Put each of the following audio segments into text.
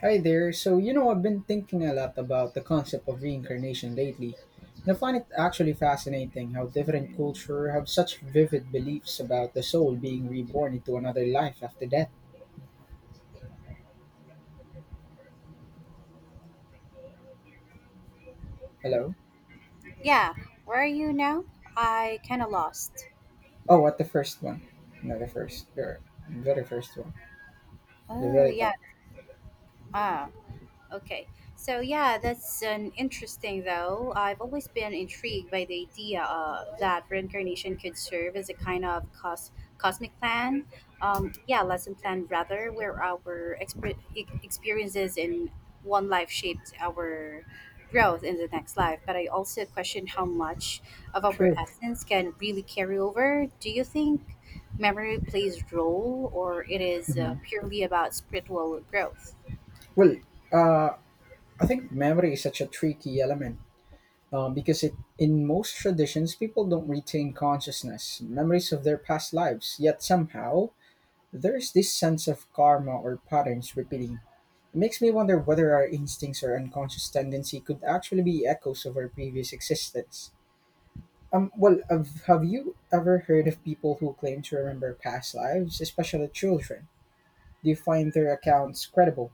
Hi there. I've been thinking a lot about the concept of reincarnation lately. And I find it actually fascinating how different cultures have such vivid beliefs about the soul being reborn into another life after death. Hello? Yeah, where are you now? I kinda lost. Oh, what the first one? No, the first. The very first one. The Oh very yeah, top. ah. Okay. So yeah, that's an interesting though. I've always been intrigued by the idea that reincarnation could serve as a kind of cosmic plan. Yeah, lesson plan rather, where our experiences in one life shaped our growth in the next life. But I also question how much of our True. essence can really carry over. Do you think memory plays a role, or it is hmm purely about spiritual growth? Well, uh, I think memory is such a tricky element because it, in most traditions, people don't retain consciousness, memories of their past lives, yet somehow there's this sense of karma or patterns repeating. It makes me wonder whether our instincts or unconscious tendency could actually be echoes of our previous existence. Well, have you ever heard of people who claim to remember past lives, especially children? Do you find their accounts credible?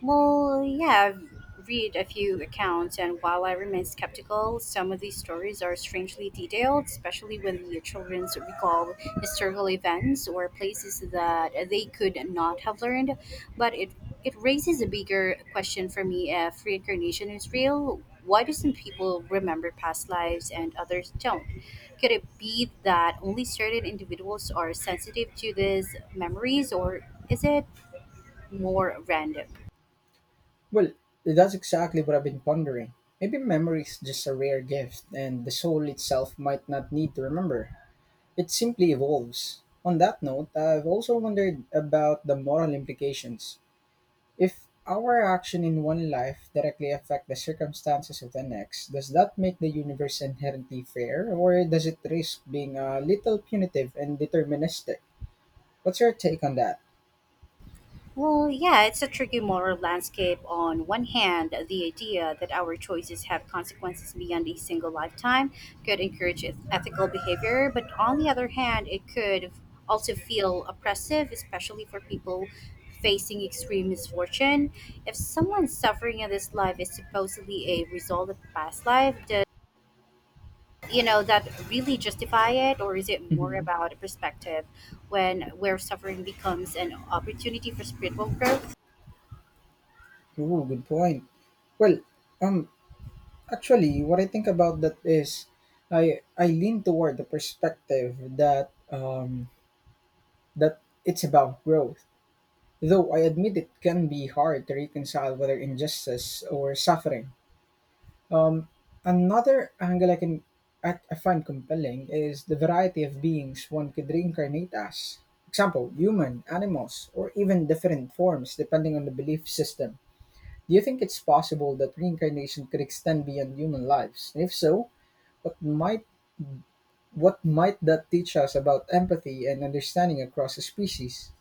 Well, yeah, I've read a few accounts, and while I remain skeptical, some of these stories are strangely detailed, especially when the children recall historical events or places that they could not have learned. But it raises a bigger question for me: if reincarnation is real, why do some people remember past lives and others don't? Could it be that only certain individuals are sensitive to these memories, or is it more random? Well, that's exactly what I've been pondering. Maybe memory is just a rare gift, and the soul itself might not need to remember. It simply evolves. On that note, I've also wondered about the moral implications. If our action in one life directly affect the circumstances of the next, does that make the universe inherently fair, or does it risk being a little punitive and deterministic? What's your take on that? Well, yeah, it's a tricky moral landscape. On one hand, the idea that our choices have consequences beyond a single lifetime could encourage ethical behavior, but on the other hand, it could also feel oppressive, especially for people facing extreme misfortune. If someone's suffering in this life is supposedly a result of past life, does that really justify it, or is it more Mm-hmm. about a perspective when where suffering becomes an opportunity for spiritual growth? Ooh, good point. Well, um actually what I think about that is, I lean toward the perspective that that it's about growth. Though I admit it can be hard to reconcile whether injustice or suffering. Um, Another angle I find compelling is the variety of beings one could reincarnate as. Example: human, animals, or even different forms depending on the belief system. Do you think it's possible that reincarnation could extend beyond human lives? And if so, what might what might that teach us about empathy and understanding across a species?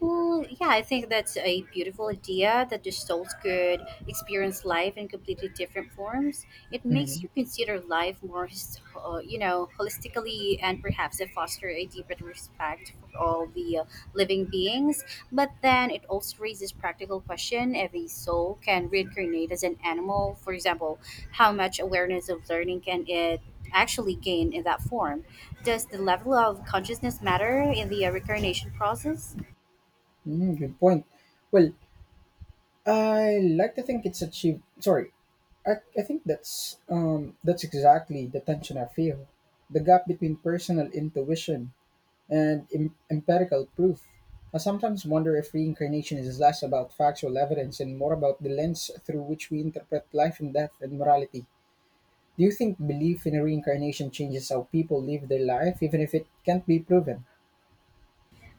Well, yeah, I think that's a beautiful idea that the souls could experience life in completely different forms. It makes Mhm. you consider life more, holistically, and perhaps it foster a deeper respect for all the living beings. But then it also raises practical question: if a soul can reincarnate as an animal, for example, how much awareness of learning can it actually gain in that form? Does the level of consciousness matter in the reincarnation process? Mm, good point. Well, I like to think it's achieved. Sorry, I think that's exactly the tension I feel. The gap between personal intuition and empirical proof. I sometimes wonder if reincarnation is less about factual evidence and more about the lens through which we interpret life and death and morality. Do you think belief in reincarnation changes how people live their life, even if it can't be proven?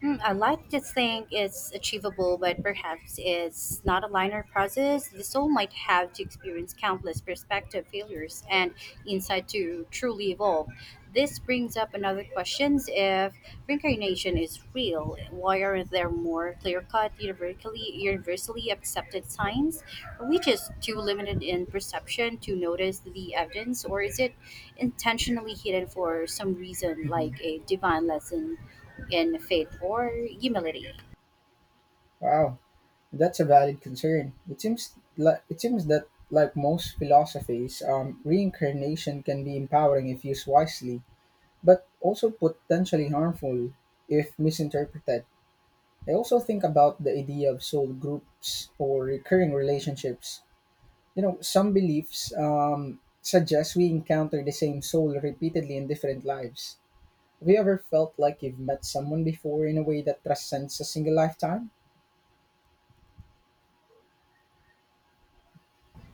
Hmm, I like to think it's achievable, but perhaps it's not a linear process. The soul might have to experience countless perspective failures and insight to truly evolve. This brings up another question: if reincarnation is real, why aren't there more clear cut, universally accepted signs? Are we just too limited in perception to notice the evidence, or is it intentionally hidden for some reason, hmm like a divine lesson in faith or humility? Wow. That's a valid concern. It seems that like most philosophies, reincarnation can be empowering if used wisely, but also potentially harmful if misinterpreted. I also think about the idea of soul groups or recurring relationships. You know, some beliefs suggest we encounter the same soul repeatedly in different lives. Have you ever felt like you've met someone before in a way that transcends a single lifetime?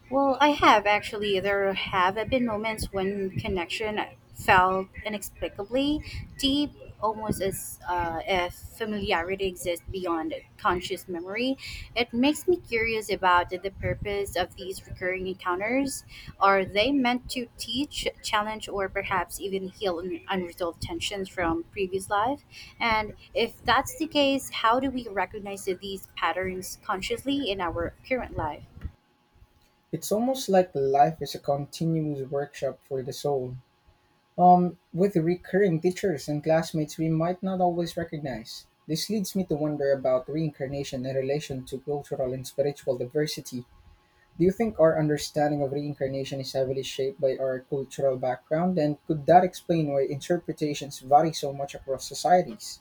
Well, I have actually. There have been moments when connection felt inexplicably deep, almost as if familiarity exists beyond conscious memory. It makes me curious about the purpose of these recurring encounters. Are they meant to teach, challenge, or perhaps even heal unresolved tensions from previous life? And if that's the case, how do we recognize these patterns consciously in our current life? It's almost like life is a continuous workshop for the soul, with recurring teachers and classmates we might not always recognize. This leads me to wonder about reincarnation in relation to cultural and spiritual diversity. Do you think our understanding of reincarnation is heavily shaped by our cultural background, and could that explain why interpretations vary so much across societies?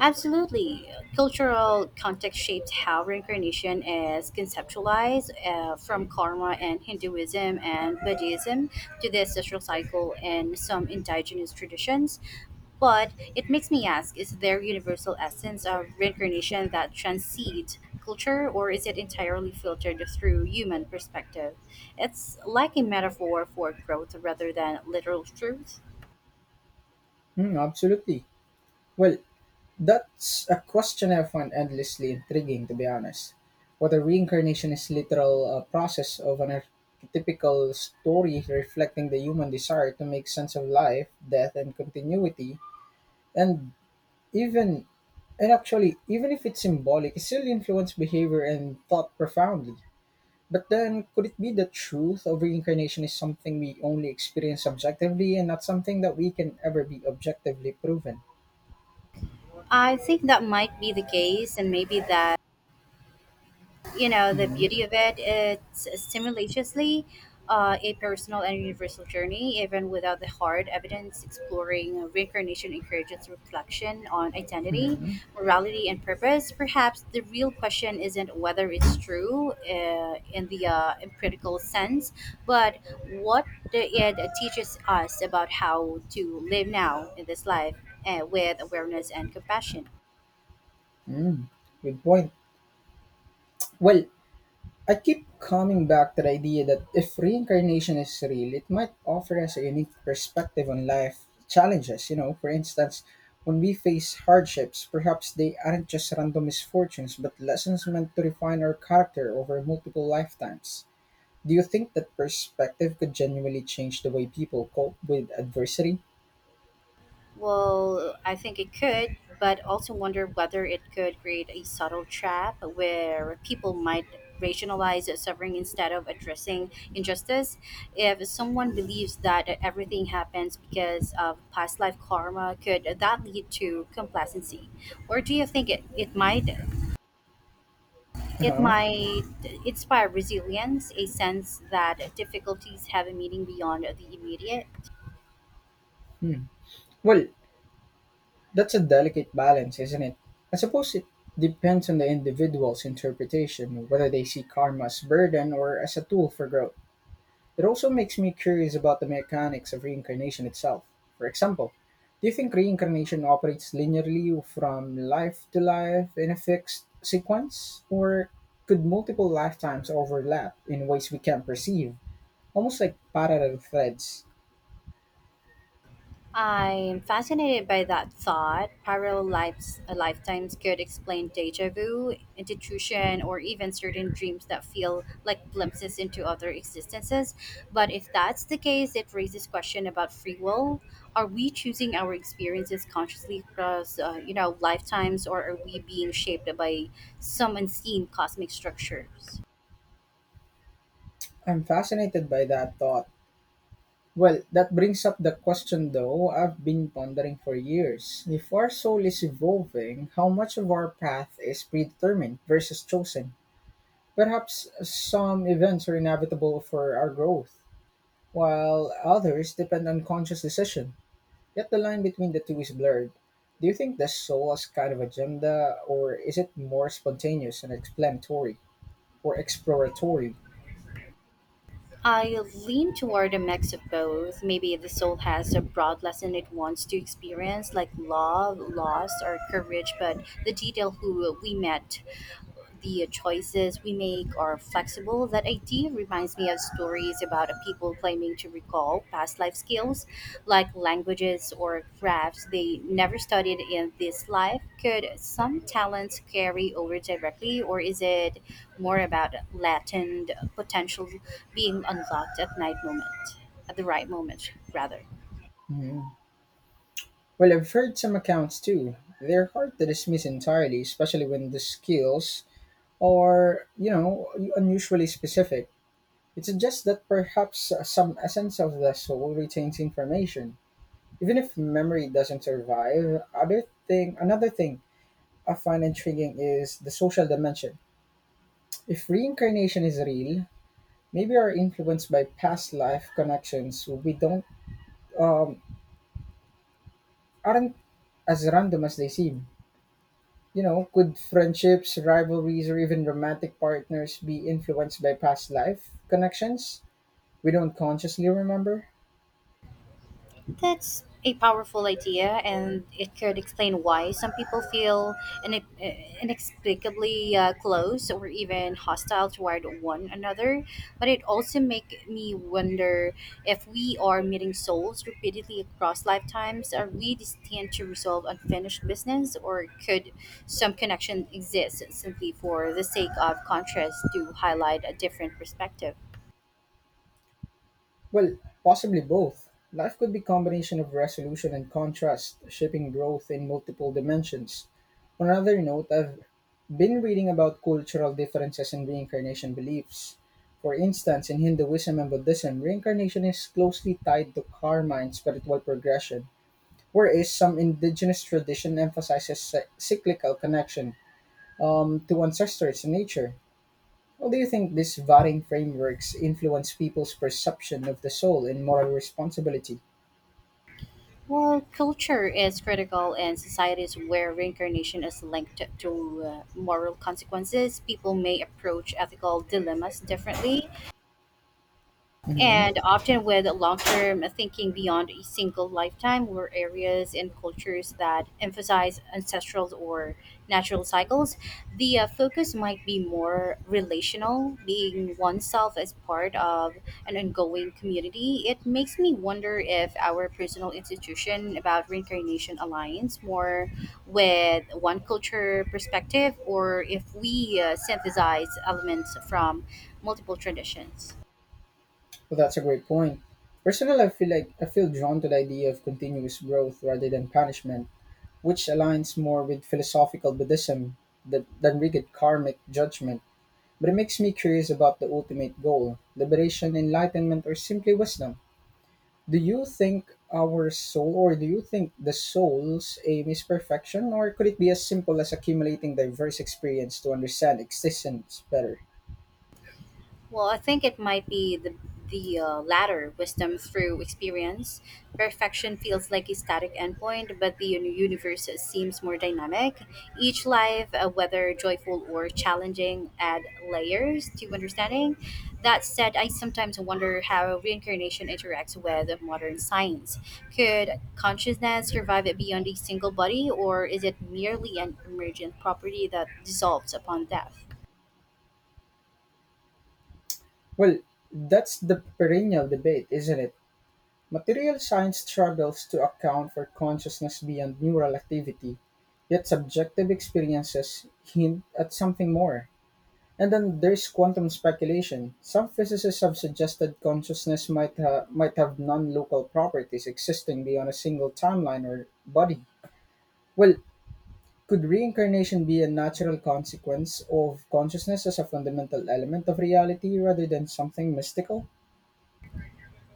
Absolutely. Cultural context shapes how reincarnation is conceptualized, from karma and Hinduism and Buddhism to the ancestral cycle and some indigenous traditions. But it makes me ask, is there universal essence of reincarnation that transcends culture, or is it entirely filtered through human perspective? It's like a metaphor for growth rather than literal truth. Hmm, absolutely. Well, that's a question I find endlessly intriguing, to be honest. Whether reincarnation is literal process of an archetypical story reflecting the human desire to make sense of life, death, and continuity, and even and actually, even if it's symbolic, it still influences behavior and thought profoundly. But then, could it be the truth of reincarnation is something we only experience subjectively and not something that we can ever be objectively proven? I think that might be the case, and maybe that the hmm beauty of it, it's stimulatiously a personal and universal journey. Even without the hard evidence, exploring reincarnation encourages reflection on identity, hmm morality, and purpose. Perhaps the real question isn't whether it's true, in the empirical sense, but what it teaches us about how to live now in this life, with awareness and compassion. Mm. Good point. Well, I keep coming back to the idea that if reincarnation is real, it might offer us a unique perspective on life challenges. You know, for instance, when we face hardships, perhaps they aren't just random misfortunes, but lessons meant to refine our character over multiple lifetimes. Do you think that perspective could genuinely change the way people cope with adversity? Well, I think it could, but also wonder whether it could create a subtle trap where people might rationalize suffering instead of addressing injustice. If someone believes that everything happens because of past life karma, could that lead to complacency? Or do you think it, it might Uh it huh. might inspire resilience, a sense that difficulties have a meaning beyond the immediate? Hmm. Well, that's a delicate balance, isn't it? I suppose it depends on the individual's interpretation, whether they see karma as burden or as a tool for growth. It also makes me curious about the mechanics of reincarnation itself. For example, do you think reincarnation operates linearly from life to life in a fixed sequence? Or could multiple lifetimes overlap in ways we can't perceive, almost like parallel threads? I am fascinated by that thought. Parallel lives, lifetimes could explain deja vu, intuition, or even certain dreams that feel like glimpses into other existences. But if that's the case, it raises question about free will. Are we choosing our experiences consciously across, lifetimes, or are we being shaped by some unseen cosmic structures? I'm fascinated by that thought. Well, that brings up the question though I've been pondering for years. If our soul is evolving, how much of our path is predetermined versus chosen? Perhaps some events are inevitable for our growth, while others depend on conscious decision. Yet the line between the two is blurred. Do you think the soul has kind of agenda, or is it more spontaneous and explanatory or exploratory? I lean toward a mix of both. Maybe the soul has a broad lesson it wants to experience, like love, loss, or courage, but the detail who we met, the choices we make are flexible. That idea reminds me of stories about people claiming to recall past life skills, like languages or crafts they never studied in this life. Could some talents carry over directly, or is it more about latent potential being unlocked at the right moment, rather? Hmm. Well, I've heard some accounts too. They're hard to dismiss entirely, especially when the skills are, you know, unusually specific. It suggests that perhaps some essence of the soul retains information. Even if memory doesn't survive, another thing I find intriguing is the social dimension. If reincarnation is real, maybe we're influenced by past life connections we don't um, aren't as random as they seem. You know, could friendships, rivalries, or even romantic partners be influenced by past life connections we don't consciously remember? That's a powerful idea, and it could explain why some people feel inexplicably close or even hostile toward one another. But it also make me wonder, if we are meeting souls repeatedly across lifetimes, are we destined to resolve unfinished business, or could some connection exist simply for the sake of contrast to highlight a different perspective? Well, possibly both. Life could be combination of resolution and contrast, shaping growth in multiple dimensions. On another note, I've been reading about cultural differences in reincarnation beliefs. For instance, in Hinduism and Buddhism, reincarnation is closely tied to karma and spiritual progression, whereas some indigenous tradition emphasizes cyclical connection to ancestors and nature. Well, do you think these varying frameworks influence people's perception of the soul and moral responsibility? Well, culture is critical. In societies where reincarnation is linked to moral consequences, people may approach ethical dilemmas differently, hmm and often with long-term thinking beyond a single lifetime. Were areas and cultures that emphasize ancestral or natural cycles, the focus might be more relational, being oneself as part of an ongoing community. It makes me wonder if our personal institution about reincarnation aligns more with one culture perspective, or if we synthesize elements from multiple traditions. Well, that's a great point. Personally, I feel drawn to the idea of continuous growth rather than punishment, which aligns more with philosophical Buddhism than rigid karmic judgment. But it makes me curious about the ultimate goal liberation, enlightenment, or simply wisdom. Do you think the soul's aim is perfection, or could it be as simple as accumulating diverse experience to understand existence better? Well, I think it might be the latter, wisdom through experience. Perfection feels like a static endpoint, but the universe seems more dynamic. Each life, whether joyful or challenging, add layers to understanding. That said, I sometimes wonder how reincarnation interacts with modern science. Could consciousness survive beyond a single body, or is it merely an emergent property that dissolves upon death? Well, that's the perennial debate, isn't it? Material science struggles to account for consciousness beyond neural activity, yet subjective experiences hint at something more. And then there's quantum speculation. Some physicists have suggested consciousness might have non-local properties existing beyond a single timeline or body. Well, could reincarnation be a natural consequence of consciousness as a fundamental element of reality rather than something mystical?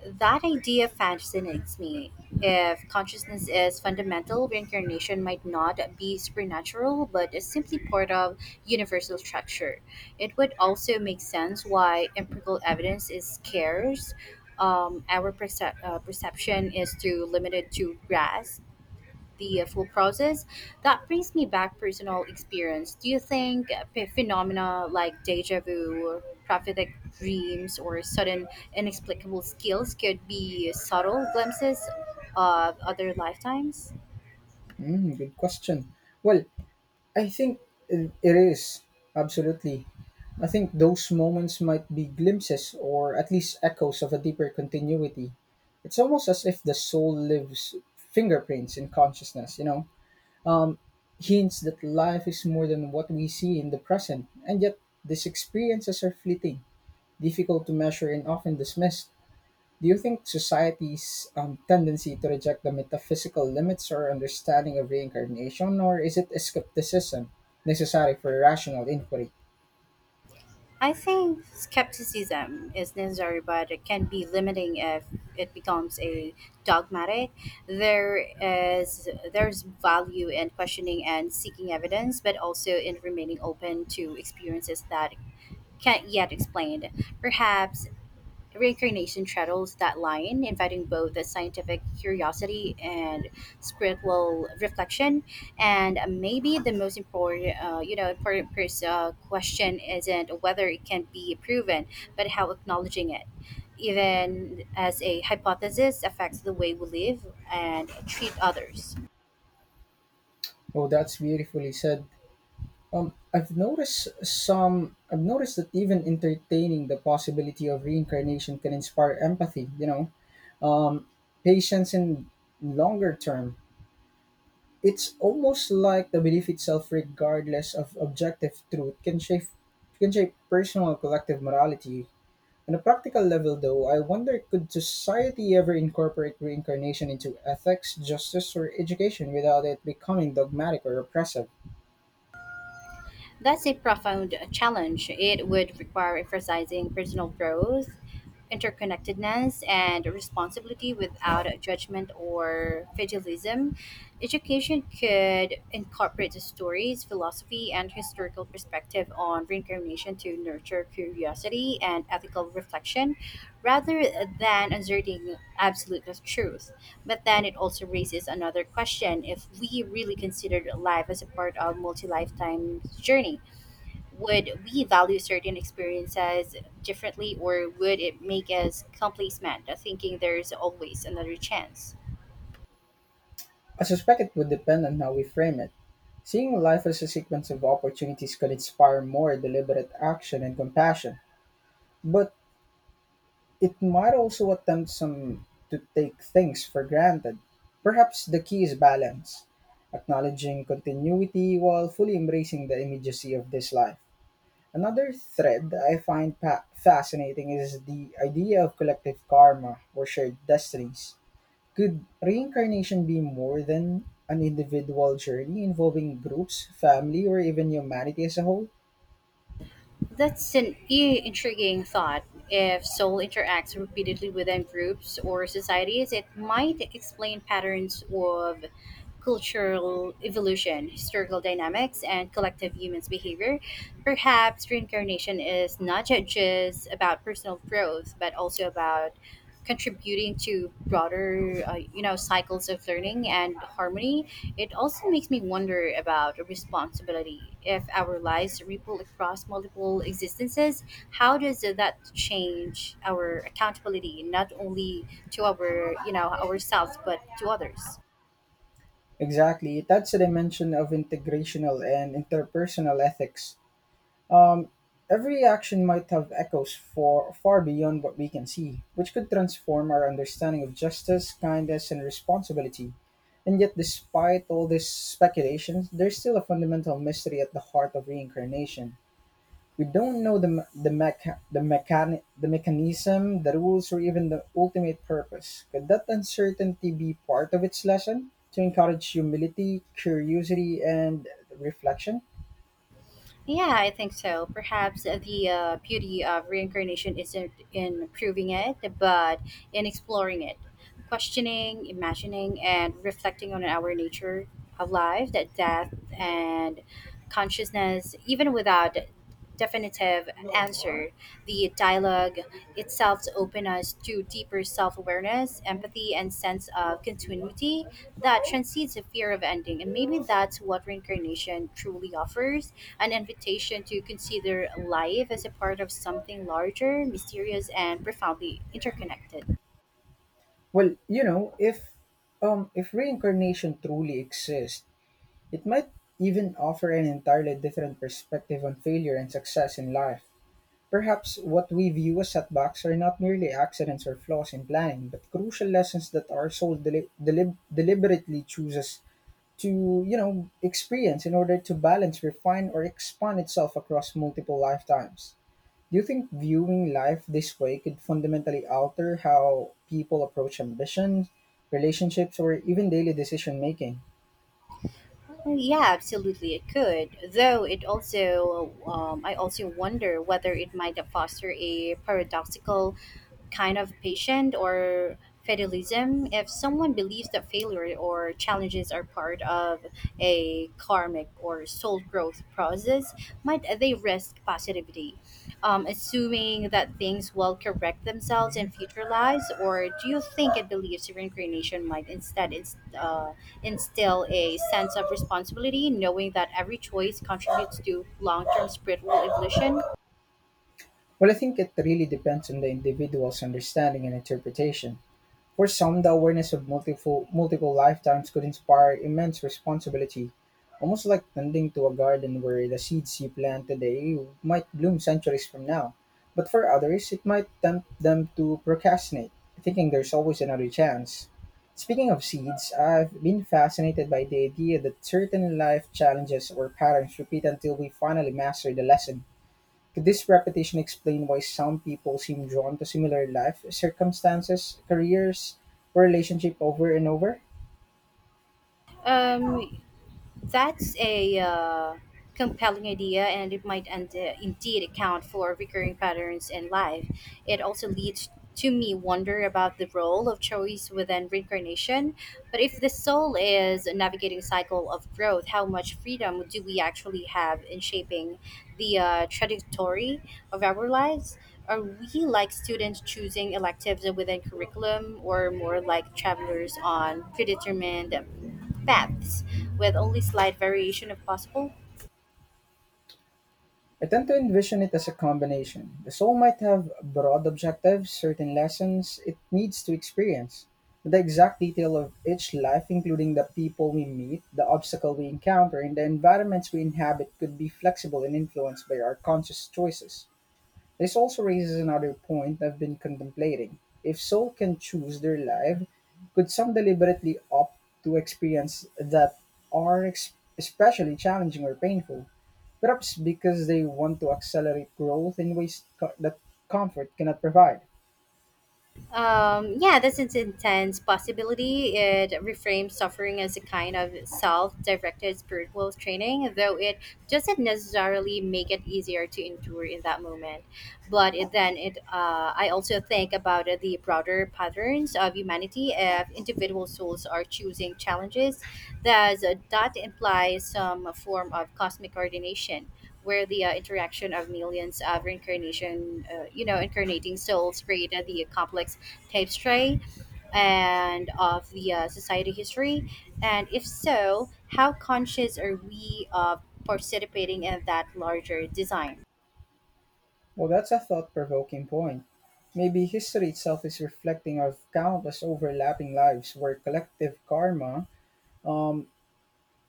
That idea fascinates me. If consciousness is fundamental, reincarnation might not be supernatural, but is simply part of universal structure. It would also make sense why empirical evidence is scarce. Our perception is too limited to grasp the full process. That brings me back personal experience. Do you think phenomena like deja vu, prophetic dreams, or sudden inexplicable skills could be subtle glimpses of other lifetimes? Mm, good question. Well, I think it is, absolutely. I think those moments might be glimpses or at least echoes of a deeper continuity. It's almost as if the soul lives fingerprints in consciousness, you know, um, hints that life is more than what we see in the present, and yet these experiences are fleeting, difficult to measure, and often dismissed. Do you think society's tendency to reject the metaphysical limits or understanding of reincarnation, or is it a skepticism necessary for rational inquiry? I think skepticism is necessary, but it can be limiting if it becomes a dogmatic. There's value in questioning and seeking evidence, but also in remaining open to experiences that can't yet explained. Perhaps reincarnation straddles that line, inviting both the scientific curiosity and spiritual reflection. And maybe the most important, question isn't whether it can be proven, but how acknowledging it, even as a hypothesis, affects the way we live and treat others. Oh, that's beautifully said. I've noticed some. I've noticed that even entertaining the possibility of reincarnation can inspire empathy. Um, patience in longer term. It's almost like the belief itself, regardless of objective truth, can shape personal and collective morality. On a practical level, though, I wonder could society ever incorporate reincarnation into ethics, justice, or education without it becoming dogmatic or oppressive? That's a profound challenge. It would require emphasizing personal growth, interconnectedness, and responsibility without judgment or fatalism. Education could incorporate the stories, philosophy, and historical perspective on reincarnation to nurture curiosity and ethical reflection, rather than asserting absolute truth. But then it also raises another question. If we really considered life as a part of multi-lifetime journey, would we value certain experiences differently, or would it make us complacent, thinking there's always another chance? I suspect it would depend on how we frame it. Seeing life as a sequence of opportunities could inspire more deliberate action and compassion, but it might also attempt some to take things for granted. Perhaps the key is balance, acknowledging continuity while fully embracing the immediacy of this life. Another thread I find fascinating is the idea of collective karma or shared destinies. Could reincarnation be more than an individual journey involving groups, family, or even humanity as a whole? That's an intriguing thought. If soul interacts repeatedly within groups or societies, it might explain patterns of cultural evolution, historical dynamics, and collective humans' behavior. Perhaps reincarnation is not just about personal growth, but also about contributing to broader, cycles of learning and harmony. It also makes me wonder about responsibility. If our lives ripple across multiple existences, how does that change our accountability, not only to ourselves, but to others? Exactly, that's a dimension of integrational and interpersonal ethics. Um, every action might have echoes for, far beyond what we can see, which could transform our understanding of justice, kindness, and responsibility. And yet, despite all this speculation, there's still a fundamental mystery at the heart of reincarnation. We don't know the mechanism, the rules, or even the ultimate purpose. Could that uncertainty be part of its lesson to encourage humility, curiosity, and reflection? Yeah, I think so. Perhaps the beauty of reincarnation isn't in proving it, but in exploring it, questioning, imagining, and reflecting on our nature of life, that death and consciousness, even without definitive answer. The dialogue itself opens us to deeper self awareness, empathy, and sense of continuity that transcends the fear of ending. And maybe that's what reincarnation truly offers, an invitation to consider life as a part of something larger, mysterious, and profoundly interconnected. Well, if reincarnation truly exists, it might even offer an entirely different perspective on failure and success in life. Perhaps what we view as setbacks are not merely accidents or flaws in planning, but crucial lessons that our soul deliberately chooses to, experience in order to balance, refine, or expand itself across multiple lifetimes. Do you think viewing life this way could fundamentally alter how people approach ambitions, relationships, or even daily decision making? Oh, yeah, absolutely, it could. Though it also, I also wonder whether it might foster a paradoxical kind of patient or fatalism. If someone believes that failure or challenges are part of a karmic or soul growth process, might they risk positivity, assuming that things will correct themselves in Mhm. future lives? Or do you think it believes reincarnation might instead instill a sense of responsibility, knowing that every choice contributes to long term spiritual evolution? Well, I think it really depends on the individual's understanding and interpretation. For some, the awareness of multiple lifetimes could inspire immense responsibility, almost like tending to a garden where the seeds you plant today might bloom centuries from now. But for others, it might tempt them to procrastinate, thinking there's always another chance. Speaking of seeds, I've been fascinated by the idea that certain life challenges or patterns repeat until we finally master the lesson. Could this repetition explain why some people seem drawn to similar life circumstances, careers, or relationship over and over? Um, That's a compelling idea, and indeed account for recurring patterns in life. It also leads to me wonder about the role of choice within reincarnation. But if the soul is navigating cycle of growth, how much freedom do we actually have in shaping the trajectory of our lives? Are we like students choosing electives within curriculum, or more like travelers on predetermined paths with only slight variation if possible. I tend to envision it as a combination. The soul might have broad objectives, certain lessons it needs to experience. The exact detail of each life, including the people we meet, the obstacle we encounter, and the environments we inhabit, could be flexible and influenced by our conscious choices. This also raises another point I've been contemplating. If soul can choose their life, could some deliberately opt to experience that especially challenging or painful? Perhaps because they want to accelerate growth in ways that comfort cannot provide. Yeah, that's an intense possibility. It reframes suffering as a kind of self directed spiritual training, though it doesn't necessarily make it easier to endure in that moment. But it, then it I also think about the broader patterns of humanity. If individual souls are choosing challenges, does that imply some form of cosmic coordination, where the interaction of millions of reincarnation you know incarnating souls created the complex tapestry and of the society history? And if so, how conscious are we of participating in that larger design? Well, that's a thought provoking point. Maybe history itself is reflecting of countless overlapping lives where collective karma um,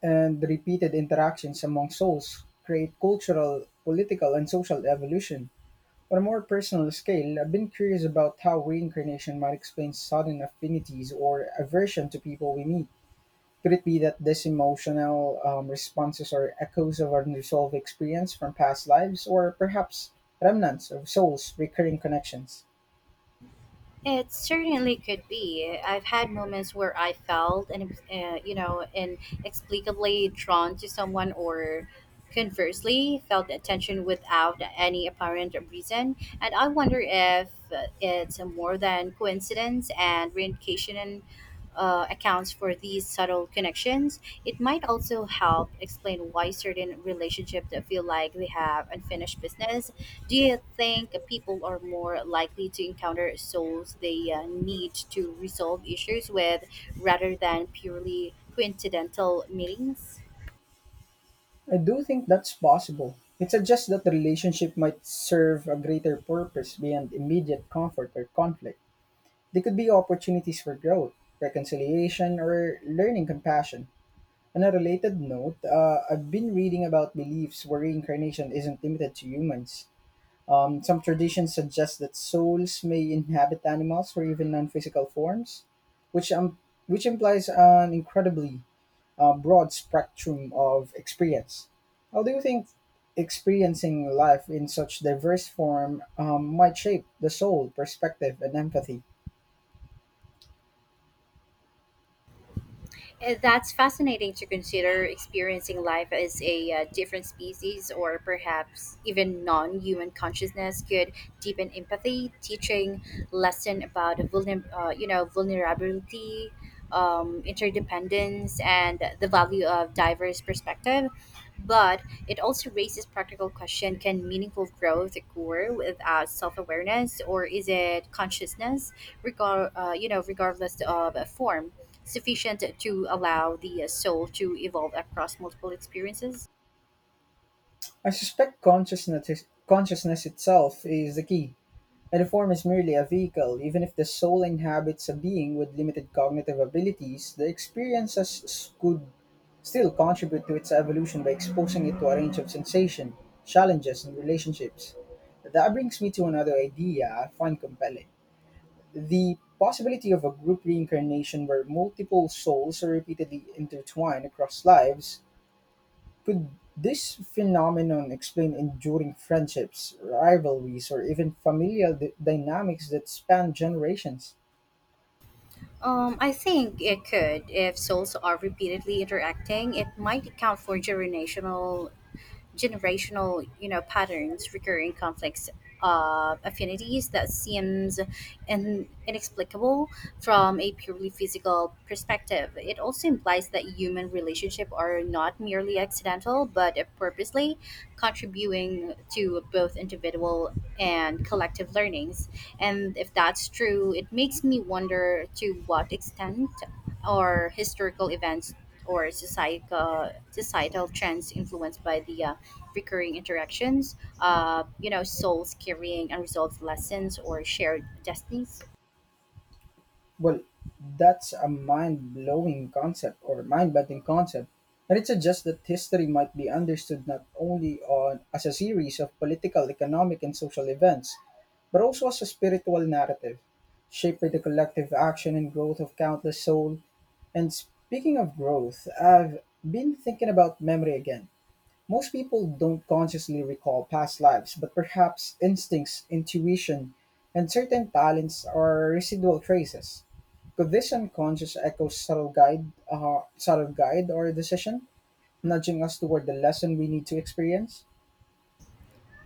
and repeated interactions among souls create cultural, political, and social evolution. On a more personal scale, I've been curious about how reincarnation might explain sudden affinities or aversion to people we meet. Could it be that these emotional responses are echoes of unresolved experience from past lives, or perhaps remnants of souls' recurring connections? It certainly could be. I've had moments where I felt, inexplicably drawn to someone, or conversely, felt attention without any apparent reason. And I wonder if it's more than coincidence, and reincarnation accounts for these subtle connections. It might also help explain why certain relationships feel like they have unfinished business. Do you think people are more likely to encounter souls they need to resolve issues with, rather than purely coincidental meetings? I do think that's possible. It suggests that the relationship might serve a greater purpose beyond immediate comfort or conflict. They could be opportunities for growth, reconciliation, or learning compassion. On a related note, I've been reading about beliefs where reincarnation isn't limited to humans. Some traditions suggest that souls may inhabit animals or even non-physical forms, which um, which implies an incredibly broad spectrum of experience. How do you think experiencing life in such diverse form might shape the soul perspective and empathy? That's fascinating to consider. Experiencing life as a different species, or perhaps even non human consciousness, could deepen empathy, teaching lesson about vulnerability, interdependence, and the value of diverse perspective. But it also raises practical question: can meaningful growth occur without self-awareness, or is it consciousness regardless of a form sufficient to allow the soul to evolve across multiple experiences? I suspect consciousness itself is the key, and the form is merely a vehicle. Even if the soul inhabits a being with limited cognitive abilities, the could still contribute to its evolution by exposing it to a range of sensation, challenges, and relationships. That brings me to another idea I find compelling the possibility of a group reincarnation where multiple souls are repeatedly intertwined across lives could this phenomenon explain enduring friendships, rivalries, or even familial dynamics that span generations? I think it could. If souls are repeatedly interacting, it might account for generational, patterns, recurring conflicts, affinities that seems inexplicable from a purely physical perspective. It also implies that human relationships are not merely accidental, but purposely contributing to both individual and collective learnings. And if that's true, it makes me wonder to what extent or historical events or societal trends influenced by the recurring interactions, souls carrying unresolved lessons or shared destinies. Well, that's a mind blowing concept or mind bending concept. And it suggests that history might be understood not only on, as a series of political, economic, and social events, but also as a spiritual narrative, shaped by the collective action and growth of countless souls. And speaking of growth, I've been thinking about memory again. Most people don't consciously recall past lives, but perhaps instincts, intuition, and certain talents are residual traces. Could this unconscious echo subtle guide or decision, nudging us toward the lesson we need to experience?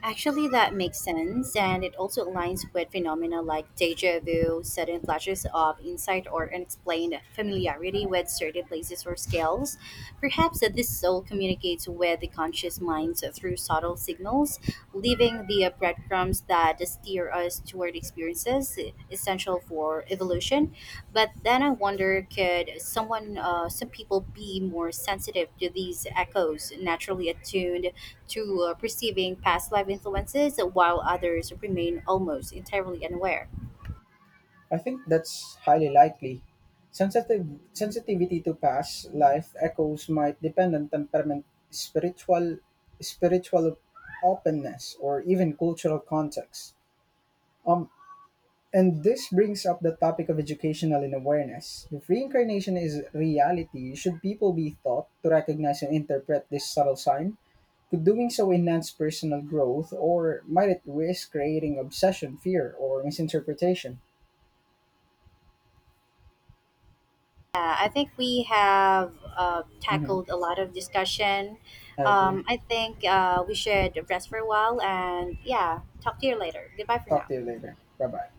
Actually, that makes sense, and it also aligns with phenomena like deja vu, sudden flashes of insight, or unexplained familiarity with certain places or scales. Perhaps that this soul communicates with the conscious minds through subtle signals, leaving the breadcrumbs that to steer us toward experiences essential for evolution. But then I wonder, could some people be more sensitive to these echoes, naturally attuned to perceiving past life influences, while others remain almost entirely unaware? I think that's highly likely. Sensitive sensitivity to past life echoes might depend on temperament, spiritual openness, or even cultural context. Um, And this brings up the topic of educational and awareness. If reincarnation is reality, should people be taught to recognize and interpret this subtle sign? Could doing so enhance personal growth, or might it risk creating obsession, fear, or misinterpretation? Yeah, I think we have Hmm. tackled a lot of discussion. I agree. I think we should rest for a while, and yeah, talk to you later. Goodbye for Talk now. to you later. Bye bye.